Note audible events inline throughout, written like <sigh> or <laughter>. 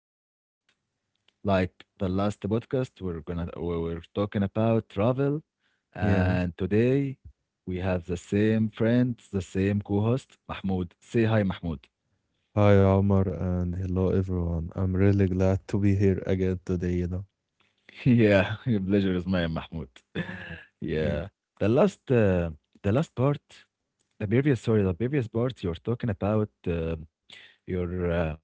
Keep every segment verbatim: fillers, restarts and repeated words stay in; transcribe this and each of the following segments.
our podcast. Like the last podcast, we're gonna we were talking about travel, Yeah. and today we have the same friends, the same co-host, Mahmoud. Say hi, Mahmoud. Hi, Omar, and hello, everyone. I'm really glad to be here again today, you know. <laughs> Yeah, your pleasure is mine, Mahmoud. <laughs> Yeah. Yeah, the last uh, the last part, the previous sorry, the previous part, you're talking about uh, your uh,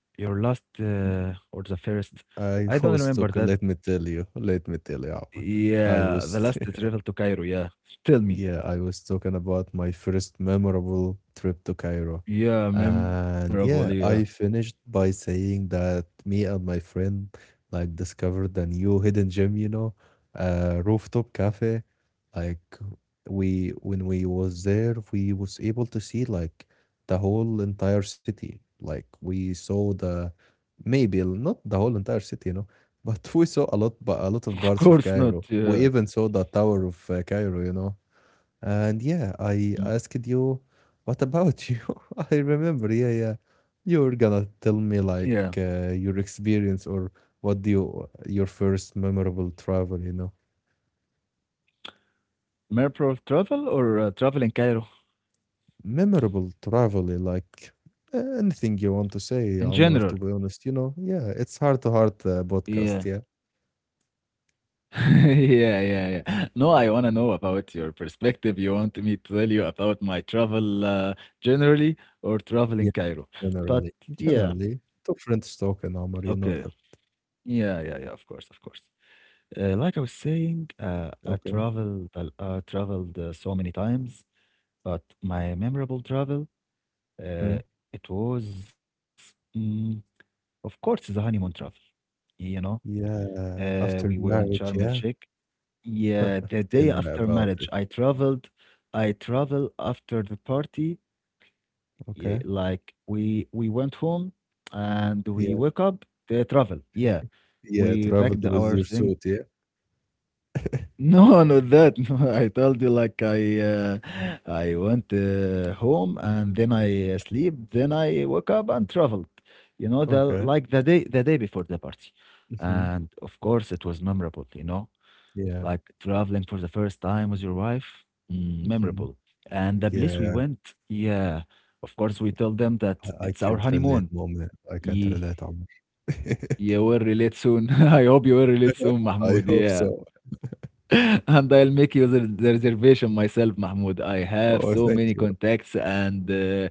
your last uh, or the first. I <laughs> I don't was talking, remember let that. me tell you, let me tell you, Omar. I Yeah, was the last travel to Cairo, yeah. Tell Yeah, me. I was talking about my first memorable trip to Cairo. Yeah, And memorable, yeah, yeah. I finished by saying that me and my friend like discovered a new hidden gem, you know, uh rooftop cafe. Like we when we was there, we was able to see like the whole entire city. Like we saw the maybe not the whole entire city, you know, <laughs> but we saw a lot, but a lot <laughs> of Of parts of course not, Cairo. yeah. We even saw the Tower of uh, Cairo, you know. And yeah, I Mhm. asked you, what about you? <laughs> I remember, yeah, yeah. You are gonna tell me Yeah. like uh, your experience or what do you, your first memorable travel, you know? Memorable travel or uh, travel in Cairo Memorable travel, eh, like uh, anything you want to say, in Omar, to general? be honest, you know? Yeah, it's heart to heart uh, Yeah. podcast, yeah? <laughs> Yeah, yeah, yeah. No, I wanna know about your perspective. You want me to tell you about my travel uh, generally or travel Yeah, in Cairo? generally. But yeah, Generally, two friends talking, Omar, you know that. okay. Yeah, yeah, yeah, of course, of course. Uh, like I was saying, uh, Okay. I traveled, uh, I traveled uh, so many times. But my memorable travel, Hmm. uh, it was, mm, of course, the honeymoon travel. You know, Yeah, uh, we after were in marriage, Sharm el yeah. Sheikh. Yeah, the <laughs> Tell day me after about marriage, it. I traveled. I traveled after the party. Yeah, Okay. like we we went home and we woke Yeah. up the travel. Yeah, Yeah, we traveled packed with our your thing. suit, yeah. No, not that. <laughs> No, I told you like I uh, I went uh, home and then I uh, sleep, then I woke up and traveled. You know, the Okay. like the day the day before the party, Mhm. and of course it was memorable. You know, Yeah. like traveling for the first time with your wife, mm, Mhm. memorable. And the place we Yeah, went, yeah, of course we tell them that I I it's our can't relate, honeymoon. Mu'min. I can't Yeah, relate, Omar. <laughs> you will relate soon. <laughs> I hope you will relate soon, I Mahmoud. hope Yeah. so. And I'll make you the the reservation myself, Mahmoud. I have Oh, so thank many you. contacts and uh,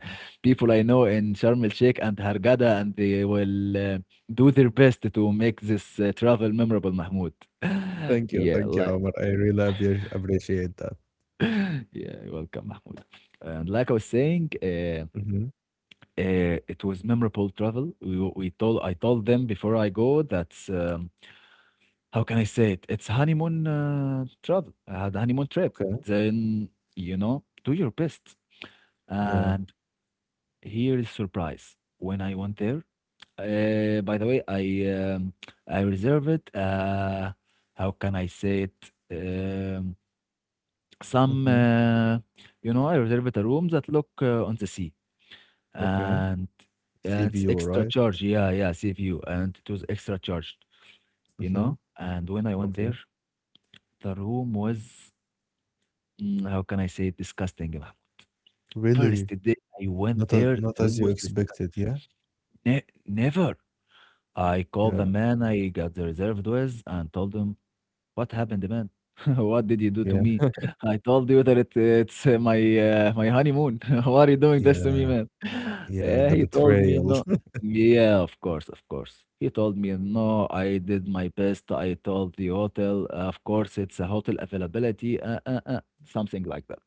people I know in Sharm el Sheikh and Hurghada, and they will uh, do their best to make this uh, travel memorable, Mahmoud. <laughs> Thank you. Yeah, Thank you, like, Omar. I really appre appreciate that. <laughs> yeah, welcome, Mahmoud. And like I was saying, uh, Mhm. uh, it was memorable travel. We, w- we told I told them before I go that um, how can I say it? It's honeymoon uh, travel, uh, the honeymoon trip. Okay. Then, you know, do your best. Yeah. And here is surprise. When I went there, uh, by the way, I um, I reserved. Uh, how can I say it? Um, some, Mhm. uh, you know, I reserved a room that look uh, on the sea, Okay. and, Sea, and it's right? extra charge. Yeah, yeah, sea view, and it was extra charged. You Mhm. know, and when I went Okay. there, the room was Mm, how can I say it? Disgusting. Ilham. First Really? day I went Not a there, not they're as you almost disgusting. expected, yeah? Ne Never. I called Yeah. the man I got the reserved with and told him what happened, man? <laughs> What did you do to Yeah. me? I told you that it, it's uh, my uh, my honeymoon. <laughs> Why are you doing this to me, Yeah. man? <laughs> Yeah. Yeah, The he told me betrayal. no. <laughs> Yeah, of course, of course. He told me no. I did my best. I told the hotel. Of course, it's a hotel availability. Uh, uh, uh, something like that.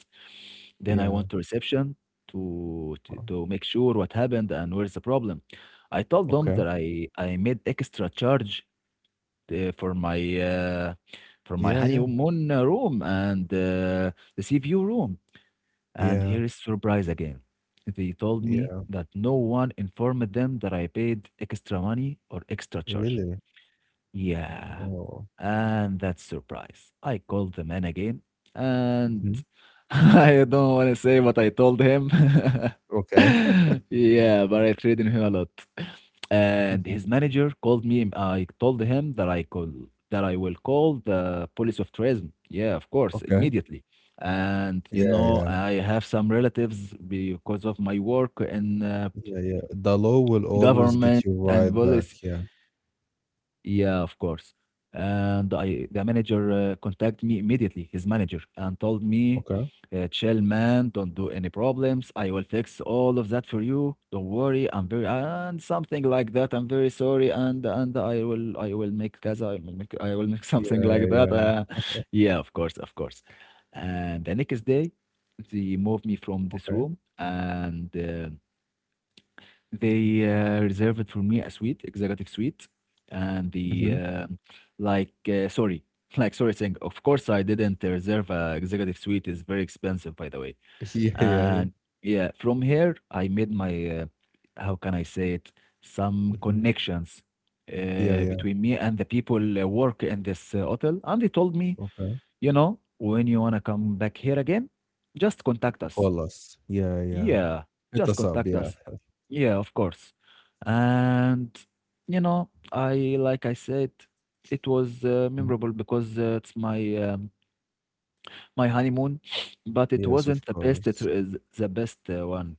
Then I Yeah. went to reception to, to Wow. to make sure what happened and where's the problem. I told them Okay. that I I made extra charge uh, for my uh, for my Yeah, yeah. honeymoon uh, room and uh, the sea view room. And Yeah. here is surprise again. They told me Yeah. that no one informed them that I paid extra money or extra charge. Really? Yeah. Oh. And that surprise. I called the man again and Mhm. <laughs> I don't want to say what I told him. Okay. <laughs> Yeah, but I treated him a lot. And his <laughs> manager called me, and I told him that I call that I will call the police of tourism. Yeah, of course, Okay. immediately. And you Yeah, know, yeah. I have some relatives because of my work in uh, Yeah, yeah. The law will government always and get you police. right back. Yeah. Yeah, of course. And I, the manager uh, contacted me immediately, his manager, and told me, Okay. uh, chill, man, don't do any problems. I will fix all of that for you. Don't worry. I'm very, and something like that. I'm very sorry. And, and I will, I will make Gaza. I will make, I will make <laughs> something Yeah, like that. yeah. Uh, <laughs> yeah, of course, of course. And the next day, they moved me from this Okay. room and, uh, they uh, reserved for me a suite, executive suite, and Hmm. the um like. Uh, sorry, <laughs> like sorry, saying of course I didn't reserve a executive suite. Is very expensive, by the way. <laughs> Yeah, yeah, yeah. And yeah, from here I made my uh, how can I say it, some Hmm. connections Yeah, uh, yeah. between me and the people uh, work in this uh, hotel, and they told me, Okay. you know, when you wanna come back here again, just contact us. Call us. Yeah, yeah. Yeah, Hit just us up. contact Yeah. us. Yeah, of course. And you know, I like I said, it was uh, Mhm. memorable because uh, it's my um, my honeymoon, <sniffs> but it Yes, of wasn't the best. It course. is the best uh, one,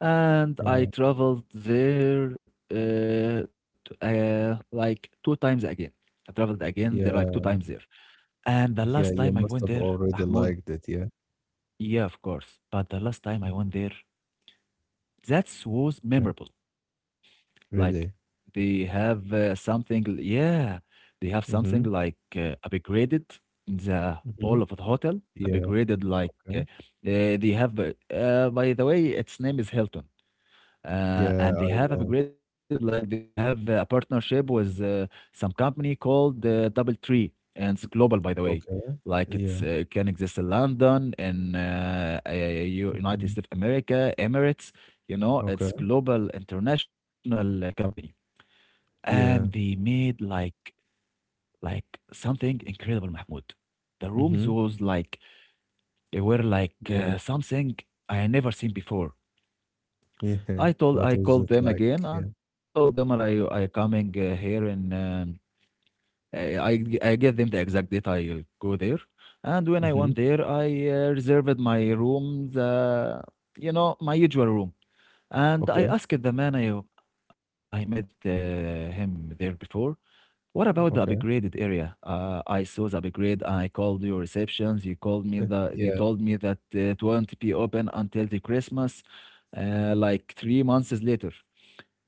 and I Yeah. traveled there uh, t- uh, like two times again. I traveled again, there like two times Yeah. there, and the Yeah. last You time I must went have there, already Mahmoud. liked it. Yeah. Yeah, of course. But the last time I went there, that was Okay. memorable. Like, Really? they have uh, something yeah, they have something Mm-hmm. like uh, upgraded in the Mm-hmm. all of the hotel, Yeah. upgraded like uh, uh, they have uh, uh, by the way, its name is Hilton. Uh, Yeah, And I they have know. upgraded like they have uh, a partnership with uh, some company called uh, Double Tree, and it's global by the way. Okay. Like it's Yeah. uh, it can exist in London, in uh, uh, United Hmm. States of America, Emirates. You know, it's Okay. global international uh, company and they Yeah. made like like something incredible, Mahmoud. The rooms Mm-hmm. was like they were like Yeah, uh, something I had never seen before. yeah. I told What I was called it them like? again and Yeah. told them I I coming uh, here and um, I I g- I gave them the exact date I go there, and when I Hmm. went there I uh, reserved my rooms. The you know my usual room, and I Okay, asked the man I I met uh, him there before. What about the okay. upgraded area? Uh, I saw the upgrade. I called your receptions. You called me the. You Yeah, told me that it won't be open until the Christmas, uh, like three months later.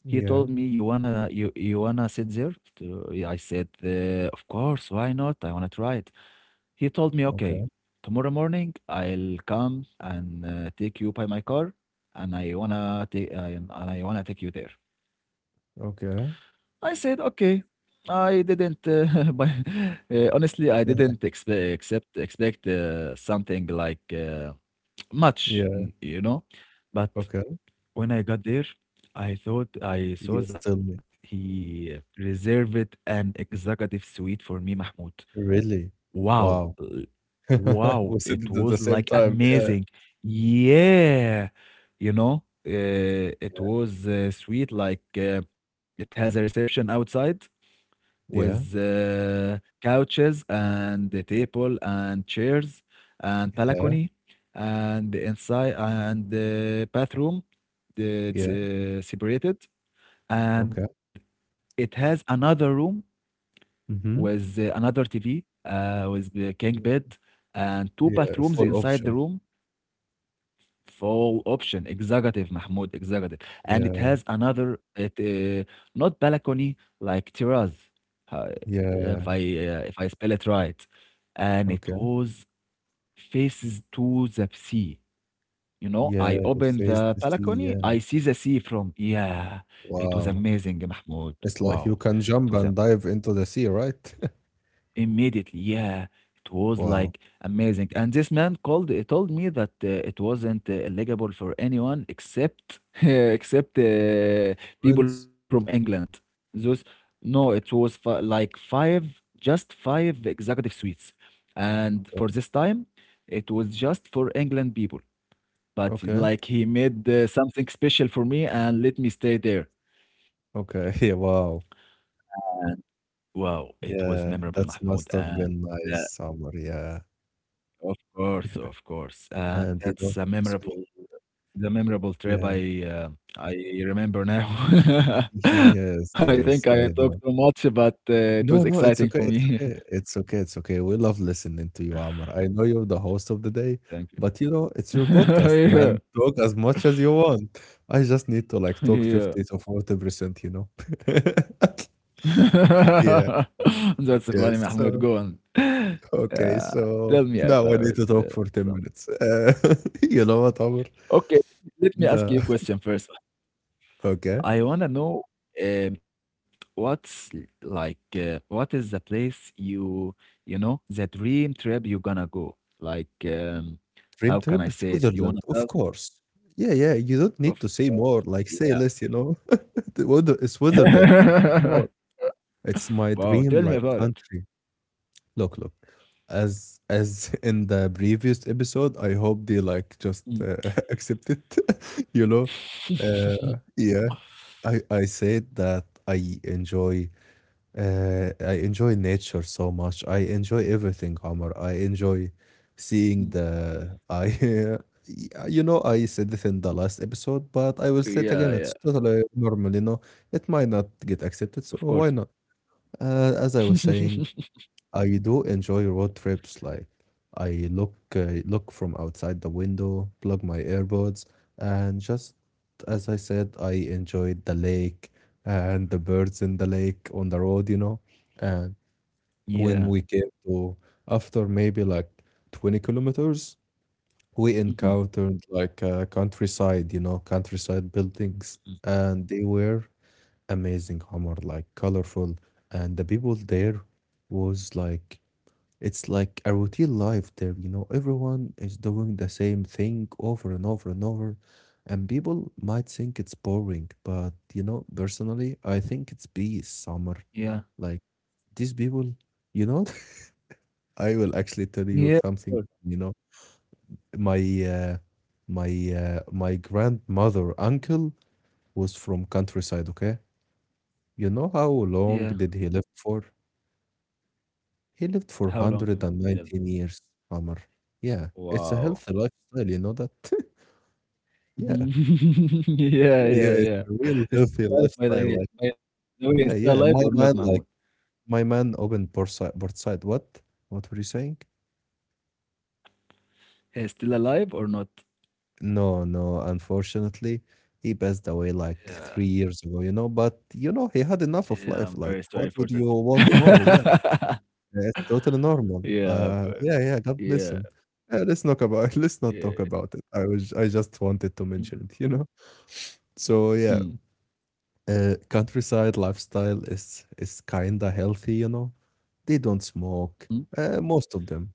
He told yeah. me you wanna you you wanna sit there. To- I said, uh, of course, why not? I wanna try it. He told me, Okay, okay, tomorrow morning I'll come and uh, take you by my car, and I wanna take I, and I wanna take you there. okay. I said, "Okay." I didn't, uh, <laughs> buy uh, honestly, I didn't <laughs> expect accept expect, uh, something like, uh, <tsk> much, n Yeah, you know? But okay. when I got there, I thought I saw Yes, that tell me. he reserved an executive suite for me, Mahmoud. Really? Wow! Wow. L <laughs> Wow! We said It it at was, the same like, time. Yeah, amazing. Yeah. You know? Uh, it was, uh, sweet, like, uh, it has a reception outside with yeah, uh, couches and the table and chairs and yeah, balcony and the inside and the bathroom the, it's yeah. uh, separated Okay. and it has another room Mm-hmm. with uh, another T V uh, with the king bed and two Yeah, bathrooms full inside the option. room. Full option, executive, Mahmoud, executive. And it Yeah, has another, it uh, not balcony, like terrace, uh, if yeah. I uh, if I spell it right. And it Okay. was faces to the sea. You know, Yeah, I it opened faced the the sea. balcony, Yeah. I see the sea from. Yeah, it was Wow. amazing, Mahmoud. It's like you Wow, can it jump was and dive into the sea, right? <laughs> Immediately, yeah, it was like Wow. amazing. And this man called, uh, told me that uh, it wasn't uh, eligible for anyone except <laughs> except uh, people from Prince. England. Those no, it was fi like five, just five executive suites, and for this Okay. time, it was just for England people. But Okay. like he made uh, something special for me and let me stay there. Okay, <laughs> wow. And wow, it was Yeah, memorable, that Mahmoud, must and. have been uh, nice summer, yeah. Of course, of course, and And you know, that's a speak memorable the memorable trip yeah. I, uh, I remember now. <laughs> <laughs> I Yes, think I yes, talked I too know. much, but, uh, it was No, exciting no, for it's okay, me. it's okay. It's okay, it's okay. We love listening to you, Amr. I know you're the host of the day, <laughs> Thank but you know, it's your podcast, you. man. <laughs> <laughs> Talk as much as you want. I just need to like Yeah, talk fifty yeah. to forty percent, you know. <laughs> Yeah, <laughs> That's funny, yes. Mahmoud. So, Go on. <laughs> okay, Uh, so Tell me now about, I need to talk uh, for ten something. minutes. Uh, <laughs> you know what, Amr? Okay, let me ask The you a <laughs> question first. okay. I wanna know um, what's l- like uh, what is the place you you know the dream trip you gonna go? Like um, Dream how trip can I say Switzerland, it? You of wanna have course. Yeah, yeah, you don't need to say of more, like, course, say less, you yeah. know? <laughs> The weather is Switzerland. Oh, <laughs> it's my Wow, dream, tell like, me about it. country. Look, look, as as <laughs> in the previous episode, I hope they, like, just uh, Mm. <laughs> accept it, <laughs> you know? Uh, <laughs> yeah. I I said that I enjoy Uh, I enjoy nature so much. I enjoy everything, Omar. I enjoy seeing the. I, <laughs> y- you know, I said it in the last episode, but I will say it again. It's Yeah, yeah, totally normal, you know. It might not get accepted, of so course. why not? Uh, as I was saying, <laughs> I do enjoy road trips. Like I look uh, look from outside the window, plug my AirPods, and just as I said, I enjoyed the lake and the birds in the lake on the road, you know. And when Yeah. we came to after maybe like twenty kilometers, we Mhm. encountered like uh, countryside, you know, countryside buildings, and they were amazing, Homer, like colorful, and the people there was like it's like a routine life there, you know, everyone is doing the same thing over and over and over. And people might think it's boring, but you know, personally, I think it's peace, Summer. Yeah. Like these people, you know, <laughs> I will actually tell you Yeah. Of something, course. you know, my uh, my uh, my grandmother uncle was from countryside, okay? You know how Yeah. long did he live for? He lived How for long, Mohammed? Tell me. one hundred nineteen years, Omar. Yeah, it's a Wow. healthy lifestyle, you know that? <laughs> Yeah. <laughs> Yeah, Yeah, yeah, yeah, it's yeah. a real He's healthy still alive by the lifestyle. way Like, by the way, he's still yeah, alive or yeah. not, My Mahmoud? man, like, my man opened Portside. Portside. What? What were you saying? He's still alive or not? No, no. Unfortunately, he passed away like Yeah. three years ago, you know. But, you know, he had enough of Yeah, life. I'm Like, very what sorry for would you want more? Yeah. that. <laughs> It's totally normal. Yeah, Uh, but yeah, yeah, God bless yeah, him. Yeah, let's not about <laughs> let's not talk yeah. about it. I was I just wanted to mention it, you know? So yeah, Mhm, uh, countryside lifestyle is is kinda healthy, you know? They don't mhm. smoke, uh, most of them.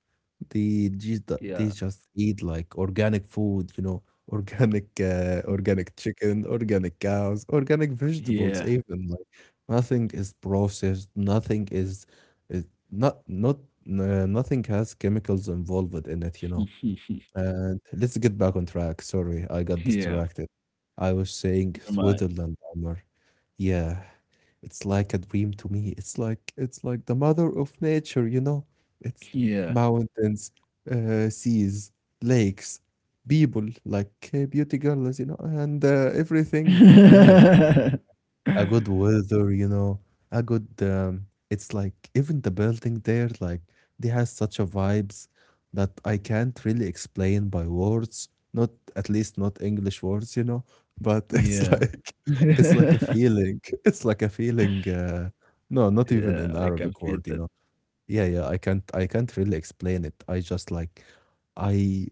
They just Yeah. they just eat like organic food, you know, <laughs> organic uh, organic chicken, organic cows, organic vegetables Yeah. even. Like nothing is, processed, nothing is, is not not uh, nothing has chemicals involved in it, you know. <laughs> And let's get back on track. Sorry, I got Yeah, distracted. I was saying never mind. Switzerland, Omar. Yeah, it's like a dream to me. It's like it's like the mother of nature, you know? It's Yeah. mountains, uh, seas, lakes, people, like uh, beauty girls, you know, and uh, everything there <laughs> a good weather, you know, a good. Um, it's like even the building there, like they has such a vibes that I can't really explain by words. Not at least not English words, you know. But <laughs> it's Yeah. like it's like a <laughs> feeling. It's like a feeling. Uh, no, Yeah, not I even can an feel that. Arabic word, you know. Yeah, yeah. I can't. I can't really explain it. I just like, I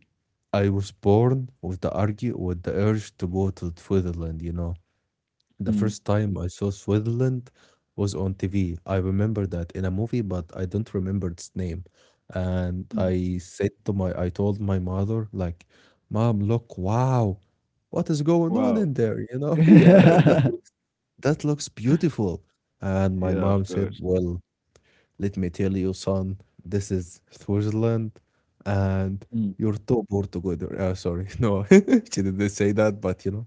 I was born with the argue with the urge to go to Switzerland, you know. The Mm, first time I saw Switzerland was on T V. I remember that in a movie, but I don't remember its name. And mm. I said to my, I told my mother, like, Mom, look, wow, what is going on Wow. in there? You know, <laughs> yeah, that <laughs> that looks beautiful. And my Yeah, of mom said, course. Well, let me tell you, son, this is Switzerland, and Mm, you're too poor to go there. Uh, sorry, <laughs> no, <laughs> she didn't say that, but you know,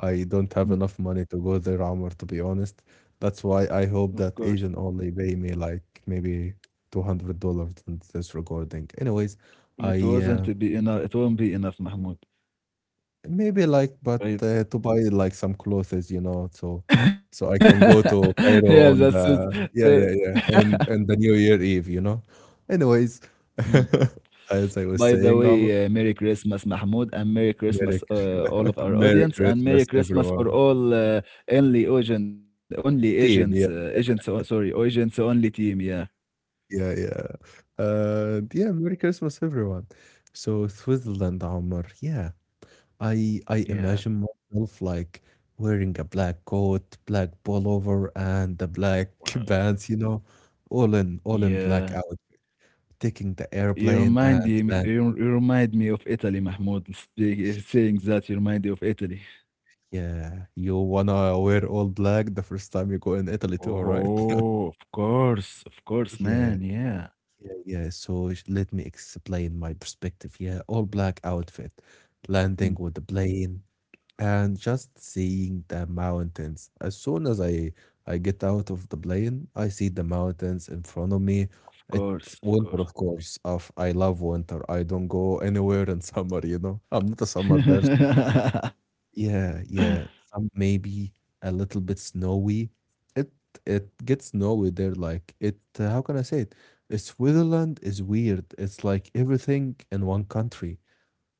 I don't have mm, enough money to go there, Amr, to be honest. That's why I of hope that course. agent only pay me like maybe two hundred dollars in this recording. Anyways, I It uh, wasn't be enough. It won't be enough, Mahmoud. maybe like, but uh, to Right? buy like some clothes, you know, so so I can go to <laughs> Cairo Yeah, on that's the it. yeah, yeah, The- yeah, on and the New Year Eve, you know. Anyways, Mm. <laughs> as I was By the saying, Omar, way, uh, Merry Christmas, Mahmoud, and Merry Merry Christmas, uh, all <laughs> of our Merry audience, and Merry Christmas, Christmas for everyone. all uh, only agent, only Team, yeah, agents, uh, agents. o- Sorry, agents only team. Yeah, yeah, yeah. Uh, yeah, Merry Christmas, everyone. So Switzerland, Omar, yeah. I I yeah, imagine myself like wearing a black coat, black pullover, and the black <laughs> Wow. pants, you know, all in all in black Yeah. out, taking the You airplane and remind me, land. you, you remind me of Italy, Mahmoud. Speak, saying that, you remind me of Italy. Yeah, you wanna wear all black the first time you go in Italy too, right? <laughs> Oh, of course, of course, Yeah, man. Yeah. yeah, yeah. So sh- let me explain my perspective. Yeah, all black outfit, landing Mm. with the plane, and just seeing the mountains. As soon as I I get out of the plane, I see the mountains in front of me. Of It's course, of winter, course. of course. Of I love winter. I don't go anywhere in <laughs> summer, you know. I'm not a summer person. <laughs> Yeah, yeah. Some maybe a little bit snowy. It it gets snowy there. Like it. Uh, How can I say it? Uh, Switzerland is weird. It's like everything in one country.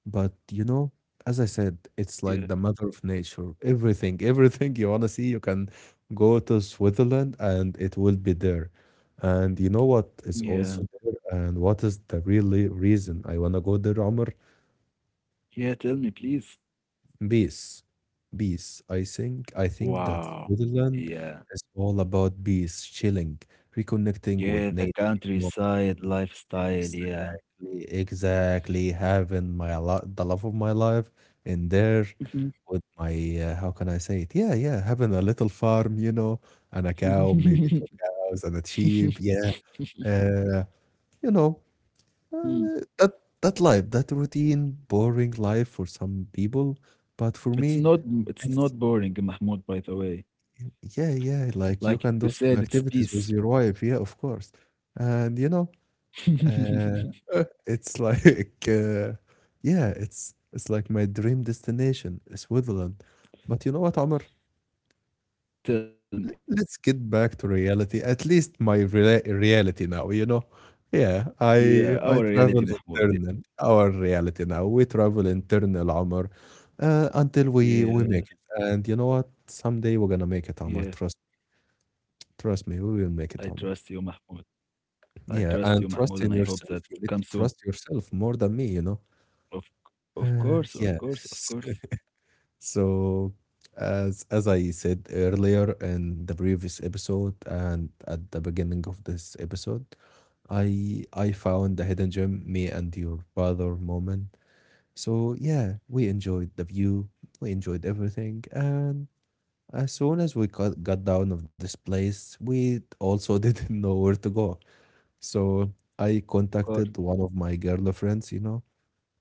But you know, as I said, Yeah. it's like the mother of nature. Everything, <laughs> everything you wanna see, you can go to Switzerland and it will be there. And you know Yeah. what is also there, and what is the really reason I wanna go there, Omar? Yeah, tell me, please. Peace. Peace. I think I think Wow. that Yeah. Switzerland is all about peace, chilling, Yeah, reconnecting the with nature, you countryside lifestyle, know, yeah. exactly, exactly. Having my lo the love of my life in there Mhm. with my uh, how can I say it? Yeah, yeah. Having a little farm, you know, and a cow, maybe two <laughs> cows and a sheep. Yeah, uh, you know, uh, Mm. that that life, that routine, boring life for some people, but for me, It's not it's it's not boring, Mahmoud, by the way. yeah, yeah. Like you Like you can said, do it's some peace. activities with your wife. Yeah, of course, and you know. Uh, <laughs> <laughs> it's like uh, yeah, it's it's like my dream destination, Switzerland. But you know what, Omar? Tell me. Let's get back to reality. At least my rela reality now, you know. Yeah, Yeah, our I I reality, travel Mahmoud. Yeah. internal, our reality now. We travel internal, Omar, uh, until we we Yeah. make it. And you know what? Someday we're gonna make it, Omar. Yeah. Trust trust me, we I will make it, trust you, Omar. Mahmoud. I trust Yeah, you, and Mahmoud, and I trust in hope that yourself. You need comes to soon. trust yourself more than me, you know. Of of Uh, course, of course, of Yes. <laughs> course, So, as as I said earlier in the previous episode and at the beginning of this episode, I I found the hidden gem, me and your father moment. So yeah, we enjoyed the view, we enjoyed everything, and as soon as we got, got down of this place, we also <laughs> didn't know where to go. So I of course. contacted one of my girlfriends, you know,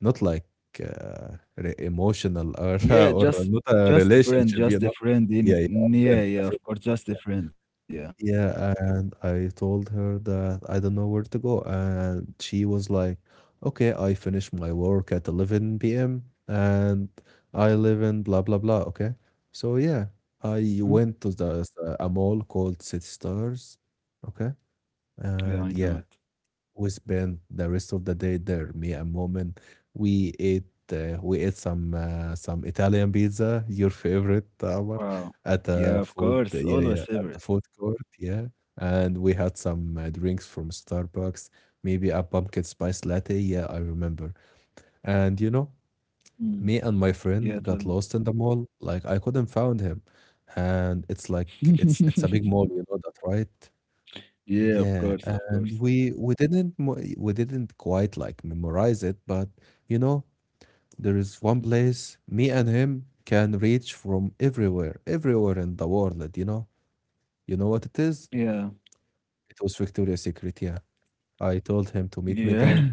not like uh, re- emotional or Yeah, <laughs> or just not a just a friend, relationship, you just a know. friend. Yeah, In yeah, a friend, yeah, a yeah, friend of of course, mine. just a Yeah. friend. Yeah. Yeah, and I told her that I don't know where to go, and she was like, "Okay, I finish my work at eleven p m and I live in blah blah blah." Okay, so yeah, I Hmm? went to the a mall called City Stars. Okay, Yeah, I know and it. yeah, we spent the rest of the day there. Me and Mom, and we ate uh, we ate some uh, some Italian pizza, your favorite, Amar, Wow. at Yeah, the of food course, yeah, yeah, always at the favorite. food court, yeah, and we had some uh, drinks from Starbucks, maybe a pumpkin spice latte. Yeah, I remember. And you know, Hmm. me and my Yeah, friend tell got me. lost in the mall. Like I couldn't find him, and it's like it's it's a big <laughs> mall, you know that, right? Yeah, of Yeah, course, of and course. we we didn't mo- we didn't quite like memorize it, but you know, there is one place me and him can reach from everywhere, everywhere in the world, you know. You know what it is? Yeah, It was Victoria's Secret, yeah. I told him to meet me yeah, there,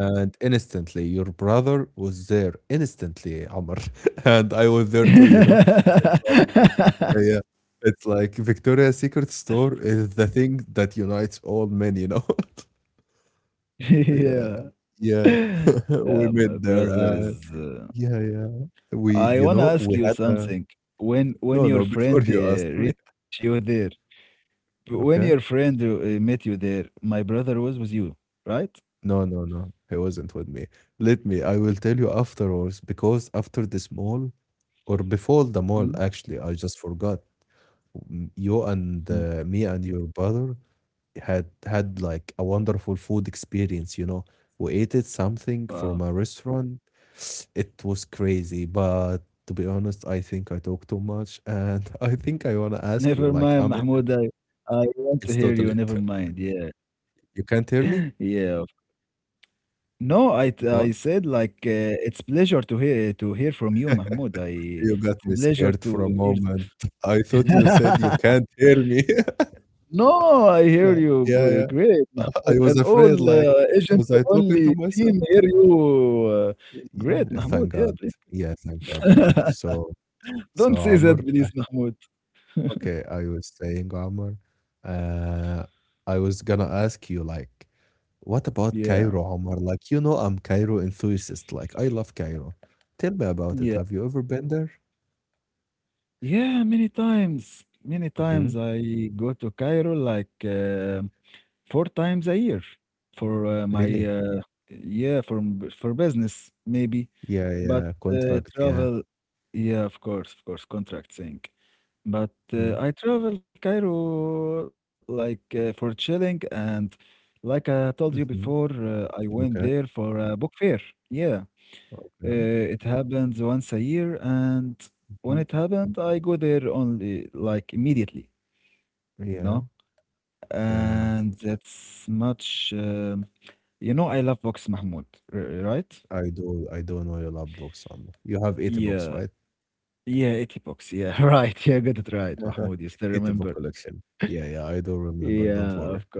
and instantly your brother was there instantly, Amr, <laughs> and I was there too, you know. <laughs> It's like Yeah, yeah. It's like Victoria's Secret store is the thing that unites all men, you know. Yeah, yeah. yeah, <laughs> <laughs> we Yeah, my met there, brother and is. Uh, yeah, yeah, we I you wanna know, ask we you had a something. When no, when no, <laughs> your before you friend uh, ask me, reach you there, when okay? your friend uh, met you there, my brother was with you, right? No, no, no, he wasn't with me. Let me, I will tell you afterwards because after this mall or before the mall, Mhm. actually, I just forgot. m- You and Mhm. uh, me and your brother had had like a wonderful food experience, you know. We ate it something from a Wow. restaurant. It was crazy, but to be honest, I think I talk too much, and <laughs> I think I wanna ask you, Never like, mind, I'm inter Mahmoud. I I want to it's hear totally you. Never mind. Yeah, you can't hear me? <laughs> yeah. No, I t- What? I said like uh, it's pleasure to hear to hear from you, Mahmoud. I You got It's a me pleasure scared to for a hear this. moment. <laughs> I thought you said you <laughs> can't hear me. <laughs> No, I hear Like, you. yeah, yeah. G- Great, Uh, I Mahmoud. was And all afraid, like, uh, agents was I talking only to myself? team hear you. Uh, Y Great, yeah, Mahmoud. thank Yeah, God. please. Yeah, thank God, okay. <laughs> So so, Don't say Amr. that, please, Mahmoud. Okay, I was saying, Omar, uh, I was gonna ask you, like, what Yeah, about Cairo, Omar? Like, you know, I'm Cairo enthusiast. Like, I love Cairo. Tell me about yeah, it. Have you ever been there? yeah. Many times, many Mm-hmm. times I go to Cairo like uh, four times a year for uh, Really? my uh, yeah for m- for business maybe, Yeah, yeah. but Contract, uh, yeah. travel. Yeah, of course, of course, contract thing. But Mm-hmm. uh, I travel Cairo like uh, for chilling and, like I told you before, Mm-hmm. uh, I went Okay, there for a book fair. Yeah, uh, okay. it happens once a year, and when Hmm. it happened, I go there only like immediately, you Yeah, know. yeah. And that's much, um, you know, I love books, Mahmoud, r- right? I do, I do know you love books, Omar. You have eight books, Yeah, right? yeah, eighty books. Yeah, <laughs> right. Yeah, got it right, <laughs> Mahmoud. You still Eight book remember? collection. Yeah, yeah. I do remember. Yeah, of Don't worry. course.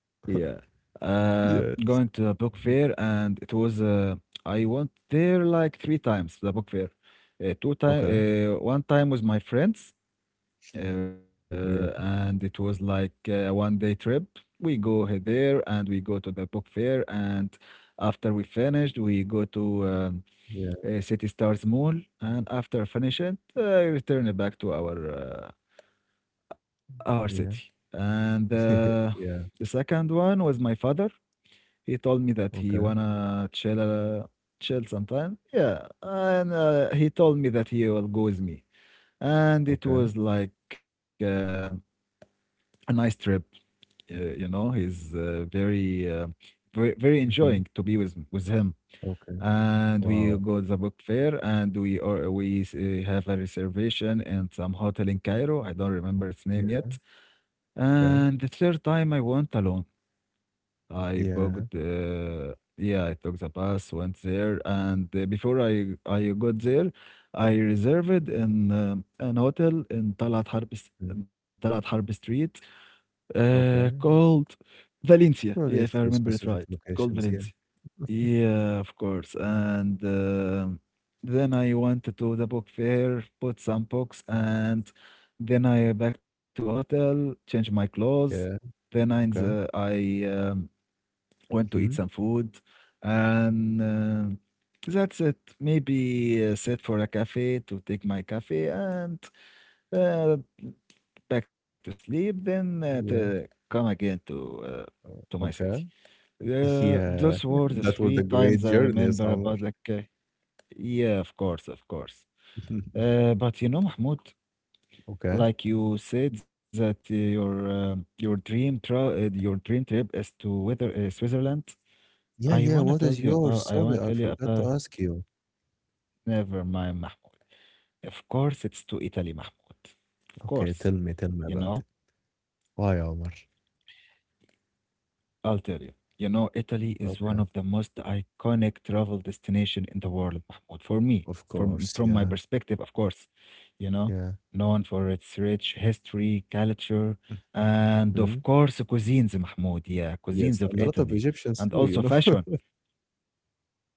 Yeah. Uh, Yeah. Going to a book Mhm. fair, and it was uh, I went there like three times, the book fair. Uh, two time, Okay. Uh, one time with my friends, uh, Yeah. and it was like uh, a one day trip. We go he- there and we go to the book fair, and after we finished, we go to um, Yeah. uh, City Stars Mall, and after finishing, uh, return back to our uh, our Yeah. city. And <laughs> uh, Yeah. the second one was my father. He told me that he Okay. wanna chill, uh, chill sometime. Yeah, and uh, he told me that he will go with me, and it Okay. was like uh, a nice trip. Uh, you know, he's uh, very, uh, very, very Mhm. enjoying to be with with him. Okay. And we Wow. go to the book fair, and we or we s- uh, have a reservation in some hotel in Cairo. I don't remember its Yeah. name yet. Okay. And the third time I went alone. I Yeah. booked, uh, yeah, I took the bus, went there, and uh, before I I got there, I reserved in um an hotel in Talat Harb s- Mm. in Talat Harb Street, uh, Okay. called Valencia. Yeah, No if I need for remember it specific right, called locations. Yeah. Valencia. Yeah, of course. And um Then I went to the book fair, bought some books, and then I back to hotel, changed my clothes. Yeah. Then I, uh, Okay. I um, Went to eat Mhm. some food, and uh, that's it. Maybe uh, sit for a cafe to take my coffee and uh, back to sleep. Then uh, to Yeah. come again to uh, to Uh, my city. Okay. <laughs> Uh, those Yeah. were the <laughs> That was three a great times I journey, remember Samar. about the ca- Yeah, of course, of course. Uh, <laughs> but you know, Mahmoud, Okay. like you said that uh, your um your dream tra uh, your dream trip is to whether uh, Switzerland. Yeah. I Yeah. wanna What tell is you yours? about I Sorry, wanna I tell you forgot to about, ask you. never mind, Mahmoud. Of course, it's to Italy, Mahmoud. Of Okay. course. Tell me. Tell me You about know, it. Why, Omar? I'll tell you. You know, Italy is one Okay. of the most iconic travel destination in the world, Mahmoud. For me, Of from course. from my Yeah. perspective, of course. You know, Yeah. known for its rich history, culture, and of Mhm. course cuisines, Mahmoud. Yeah, Yes. cuisines of And a lot of Italy. Egyptians And too, you also know. fashion. <laughs>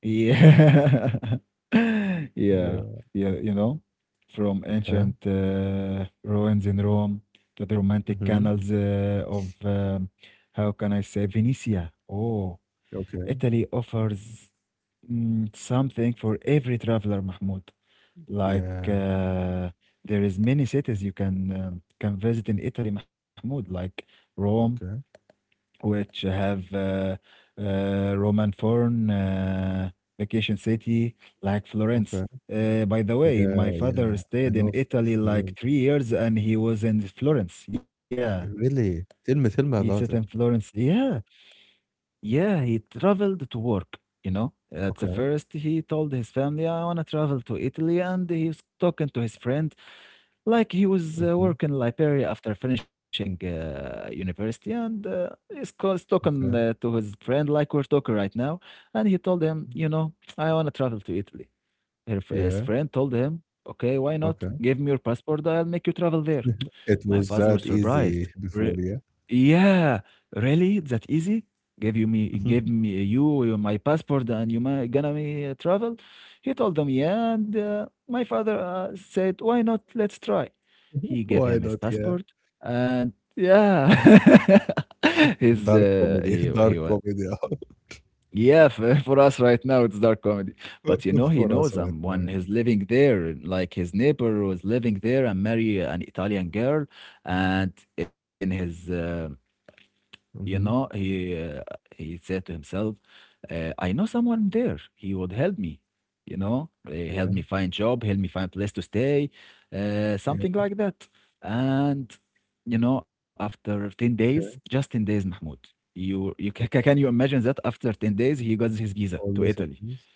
Yeah. <laughs> Oh, Yeah. yeah. Yeah. You know, from Yeah. ancient uh, ruins in Rome to the romantic Mhm. canals uh, of, um, how can I say, Venetia. Oh, Okay. Italy offers, mm, something for every traveler, Mahmoud. Like, Yeah. uh, there is many cities you can um can visit in Italy, Mahmoud, like Rome, Okay. which have uh, uh, Roman Forn, uh, vacation city like Florence. Okay. Uh, by the way, Yeah. my father Yeah. I stayed in know F- Italy like Florence. three years and he was in Florence. Yeah, Yeah, really? Tell me, he tell me sat in about it. Florence. Yeah, yeah, he traveled to work. You know, at the Okay. first, he told his family, I want to travel to Italy. And he's talking to his friend. Like he was uh, Mhm. working in Liberia after finishing uh, university, and uh, he's, co- he's talking uh, Okay. to his friend like we're talking right now, and he told him, you know, I want to travel to Italy. Her f- his Yeah. friend told him, "Okay, why not? Okay. Give me your passport. I'll make you travel there." <tsk> <laughs> It My was father that was easy surprised. before, Re- yeah. Yeah, really? That easy? Give you me, give Mhm. me you your- my passport, and you ma gonna me uh, travel? He told him, yeah, and uh, my father uh, said, why not? Let's try. He <laughs> gave Why him his not? Yeah. passport, and yeah, <laughs> his Dark uh, comedy. he <laughs> Dark he wa- comedy yeah, for, <laughs> for us right now, it's dark comedy. But you know, <laughs> he for us knows right now. someone. Yeah. He's living there. Like his neighbor was living there and marry an Italian girl. And in his uh, you know, Mm-hmm. he uh, he said to himself, uh, "I know someone there. He would help me. You know, uh, help Yeah. me find job, help me find place to stay, uh, Yeah. something like that." And you know, after ten days, just Okay. ten days, Mahmoud, you you ca- ca- can you Okay. imagine that after ten days he got his visa All to these Italy? things.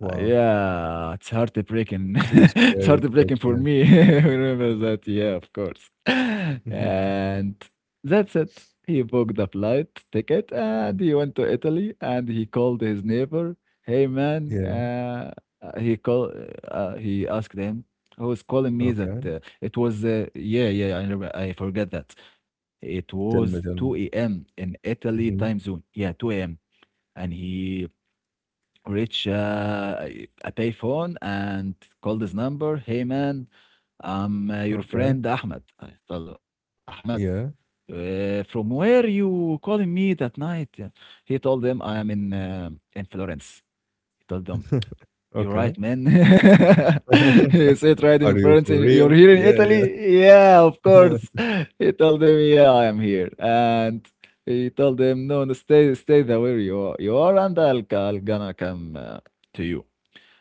Uh, Yeah, it's heartbreaking. It was <laughs> It's very quick. heartbreaking for Yeah. me. <laughs> Remember that? Yeah, of course. <laughs> Hmm. And that's it. He booked a flight ticket and he went to Italy and he called his neighbor. Hey man, Yeah. uh, uh, he called. Uh, uh, he asked him who was calling me that Okay. uh, it was. Uh, yeah, yeah, I remember, I forget that. It was Tell me. Tell 2 me. a.m. in Italy time Hmm. zone. Yeah, two a m. And he reach uh, a a payphone and call this number. Hey man, I'm uh, your Okay. friend Ahmed. I told him, Ahmed, Yeah. uh, from where you calling me that night? Yeah. He told them I am in um in Florence. He told them, <laughs> you're Okay. right, man. <laughs> <laughs> You say it right in Are you France. for And you're real? here in Yeah, Italy? Yeah, of yeah. course. <laughs> <laughs> He told them, yeah, I am here. And he told them, no, no, stay, stay there where you are, you are and I'll, I'll gonna come uh, to you.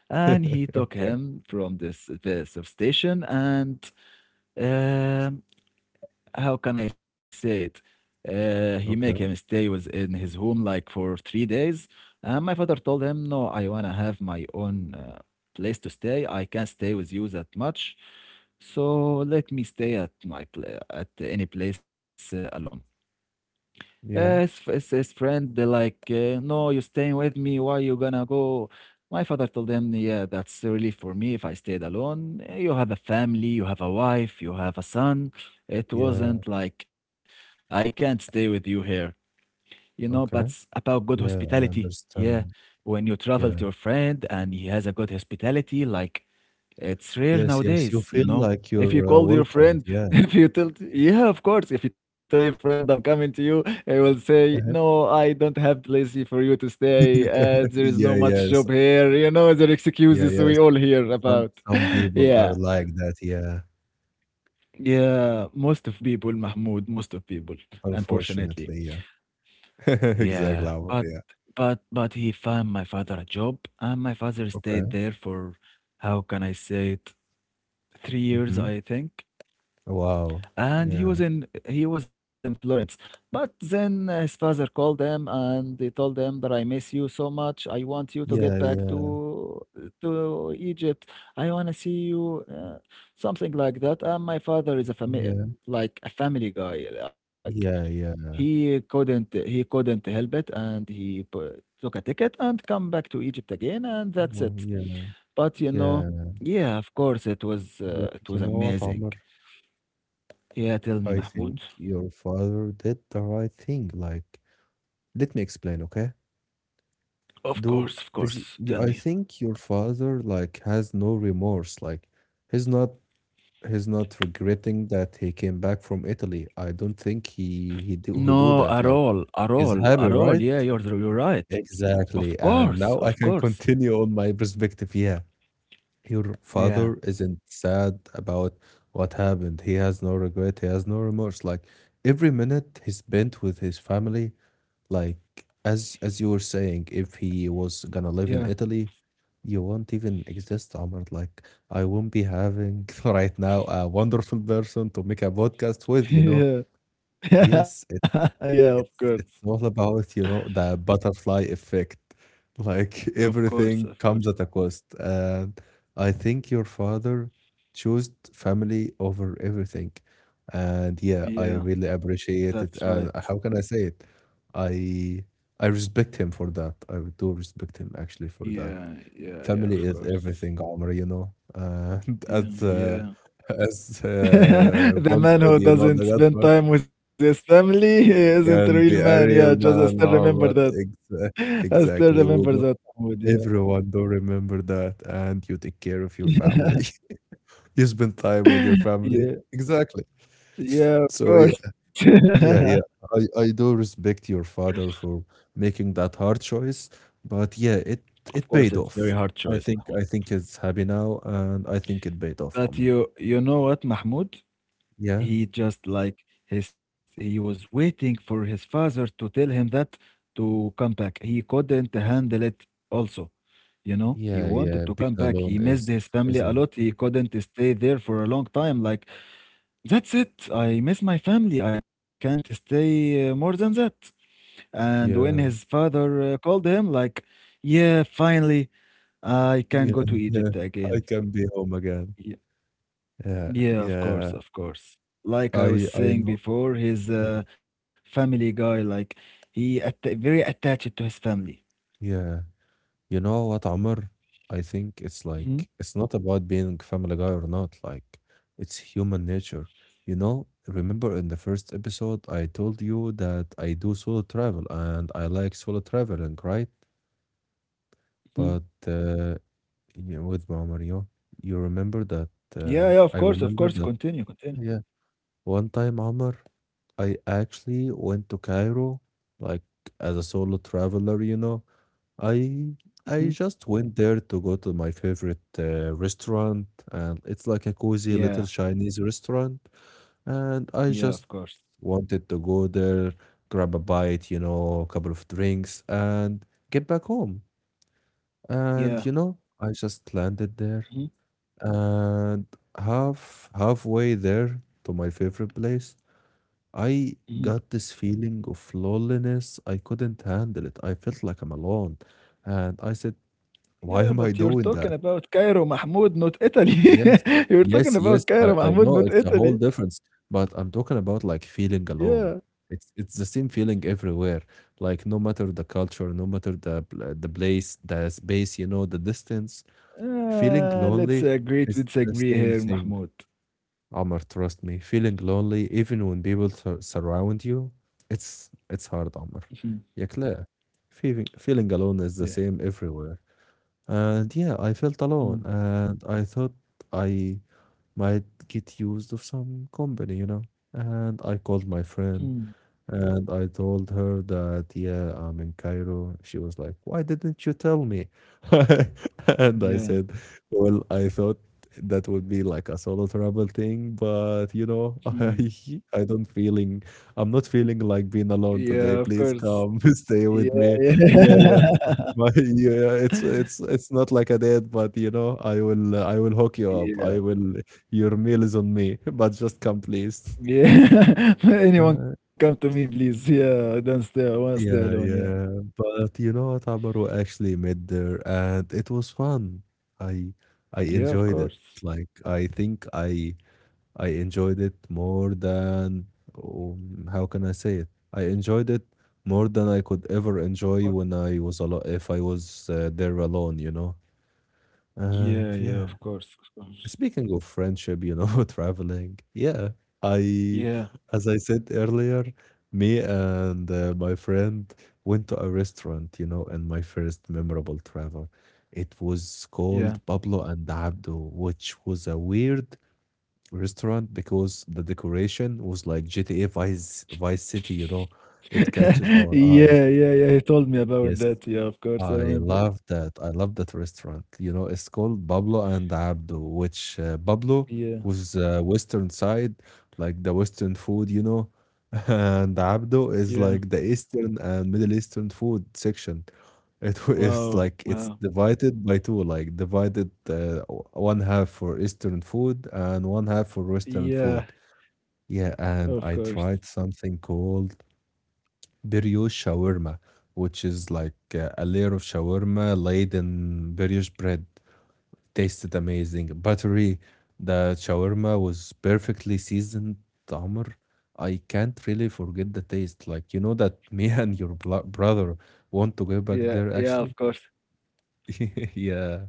And he took Okay, him from this the substation and, um, how can I say it? Uh, he make him okay. stay with in his home like for three days. And my father told him, "No, I wanna have my own uh, place to stay. I can't stay with you that much, so let me stay at my pla at any place uh, alone." Uh, his, Yeah, f- his his friend uh, like, uh, no, you staying with me, why you gonna go. My father told him, yeah, that's really for me if I stayed alone. Uh, you have a family, you have a wife, you have a son. It yeah. wasn't like I can't stay with you here, you know, but it's Okay. about good Yeah, I hospitality. Yeah. understand. When you travel to your Yeah. friend and he has a good hospitality, like it's rare Yes, yes. You nowadays, you feel know. like If you you're uh, call your welcomed. friend, <laughs> Yeah. if you tell, yeah, of course, if you tell your friend I'm coming to you, he will say, no, Uh-huh. I don't have place for you to stay. Uh, there <laughs> is no Yeah, much yes. job here. You know, there Yeah, excuses yes. we all hear Some about. some <laughs> people Yeah. are like that. Yeah. Yeah. Most of people, Mahmoud, most of people, unfortunately. Unfortunately. Yeah. <laughs> Exactly. Yeah, Alvaro, but yeah. but but he found my father a job, and my father stayed Okay. there for how can I say it, three years, Mm-hmm. I think. Wow. And he Yeah. was in he was in Florence. But then his father called them and they told them that I miss you so much. I want you to get Yeah, back to yeah. to Egypt. I want to see you, uh, something like that. And my father is a family Yeah. like a family guy, like. Yeah, yeah. He couldn't he couldn't help it, and he pu took a ticket and come back to Egypt again, and Well, that's yeah. it. But, you Yeah. know yeah, of course, it You, was, you uh, know it what, was Omar? amazing. Yeah, I tell me, think Mahmoud. your father did the right thing. Like, let me explain, okay? Of Do course, is of y- yeah, course. I Tell me. think your father like has no remorse. Like, he's not he's not regretting that he came back from Italy. I don't think he he do, he do No, that. at Like, all, at he's all, happy, at all. right? Yeah, you're you're right. Exactly. Of And now course, I can of course. continue on my perspective. Yeah. Your father Yeah, isn't sad about what happened. He has no regret. He has no remorse. Like every minute he spent with his family, like as as you were saying, if he was gonna live in yeah, Italy, you won't even exist, Omar. Like I won't be having <laughs> right now a wonderful person to make a podcast with, <laughs> you know. yeah, Yes, <laughs> it's yeah. Of course, it's it's all about, you know, the butterfly effect. Like <laughs> of course, everything of comes course. at a cost. And I think your father chose family over everything. And yeah, I Yeah, really that's appreciate it. right. And how can I say it? I I respect him for that. I do respect him actually for that. Yeah, yeah, yeah. Family Of is course. everything, Omar, you know. And <laughs> Yeah, as uh, yeah. as uh, <laughs> The Vaughn man said, who you know, doesn't the spend Godfather. time with his family isn't a real Can man. be a Yeah, just real I still man, remember Omar. that. Exa- <laughs> I still Exactly. We remember do. that, Mahmoud, yeah. Everyone do remember that, and you take care of your family. <laughs> You spend time with your <laughs> family. Yeah, Exactly. yeah, of So yeah, course. yeah, <laughs> yeah. I I do respect your father for making that hard choice, but yeah, it Of it course, paid it's very off. hard I choice, think Mahmoud. I think it's happy now, and I think it paid off, But Omar. you you know what, Mahmoud? Yeah, He just, like, his he was waiting for his father to tell him that to come back. He couldn't handle it also. You know, he yeah, wanted yeah. to come Being back. He alone missed is his family a isn't. lot. He couldn't stay there for a long time, like. That's it. I miss my family. I can't stay, uh, more than that. And when his Yeah, father, uh, called him, like yeah, finally, I can yeah, go to yeah. Egypt I again. can be home again. Yeah, Yeah, of course, yeah. of course. Like I was I I saying know. before, he's Yeah. a family guy. Like he at very attached to his family. Yeah. You know what, Amr? I think it's Hmm. like it's not about being Family Guy or not. Like it's human nature. You know, remember in the first episode I told you that I do solo travel and I like solo traveling, right? Hmm. But uh, you know, with Amr, you you remember that Yeah, uh, yeah, of I course, of remember course. that Continue, continue. yeah. One time, Amr, I actually went to Cairo like as a solo traveler, you know. I Hmm. I just went there to go to my favorite uh, restaurant, and it's like a cozy little Yeah, Chinese restaurant, and I yeah, just of course. wanted to go there, grab a bite, you know, a couple of drinks, and get back home. And Yeah. you know, I just landed there, Hmm. and half halfway there to my favorite place, I Hmm. got this feeling of loneliness. I couldn't handle it. I felt like I'm alone, and I said, why Yeah, am I but you're doing talking that? about Cairo Mahmoud, not Italy. Yes. <laughs> You're talking Yes, yes, about I Cairo I Mahmoud, know not it's a whole Italy. difference, but I'm talking about, like, feeling Yeah. alone. It's it's the same feeling everywhere, like, no matter the culture, no matter the pl the place, the space, you know, the distance, feeling Uh, let's lonely agree to is the disagree same here, thing, Mahmoud. Amr. Trust me. Feeling lonely, even when people sur surround you, it's it's hard, Amr. Mhm. يا clear? Feeling feeling alone is the Yeah. same everywhere. And yeah, I felt alone Mhm. Mm. and I thought I might get used of some company, you know. And I called my Mhm. friend and I told her that, yeah, I'm in Cairo. She was like, "Why didn't you tell me?" <laughs> And I Yeah. said, "Well, I thought that would be like a solo travel thing, but you know, <laughs> I I don't feeling I'm not feeling like being alone Yeah, of today. Please course. come <laughs> Yeah, stay with me." Yeah, yeah. yeah. <laughs> But <laughs> yeah, it's it's it's not like a date, but you know, I will I will hook you up. I Yeah. will Your meal is on me, <laughs> but just come, please. Yeah. <laughs> Anyone Uh, come to me, please. Yeah, I don't stay. I want to stay alone. yeah, Yeah. yeah. But you know what, Amaru actually met there and it was fun. I I Yeah, of enjoyed it. course. Like I think I I enjoyed it more than um, how can I say it? I enjoyed it more than I could ever Or- enjoy when I was alone if I was uh, there alone, you know. Yeah, And yeah, yeah. of course, of course. Speaking of friendship, you know, <laughs> traveling, yeah, I, Yeah, as I said earlier, me and uh, my friend went to a restaurant, you know, in my first memorable travel. It was called yeah. Pablo and Abdo, which was a weird restaurant because the decoration was like G T A Vice Vice City, you know, it catches <laughs> our eyes. Yeah, yeah, yeah. He told me Yes, about that. Yeah, of course, I I love remember. that. I love that restaurant. You know, it's called Pablo and Abdo, which uh, Pablo Yeah, was uh, Western side, like the Western food, you know, <laughs> and Abdo is yeah. like the Eastern and Middle Eastern food section. <laughs> It wa- is Wow, like it's wow. divided by two, like divided uh, o- one half for Eastern food and one half for Western food. Yeah, Yeah, and of I course. tried something called Biryosh shawarma, which is like uh, a layer of shawarma laid in brioche bread. Tasted amazing, buttery. The shawarma was perfectly seasoned, Amr. I can't really forget the taste. Like, you know that <laughs> me and your blo- brother want to go back Yeah, there yeah, of actually. course. <laughs> Yeah.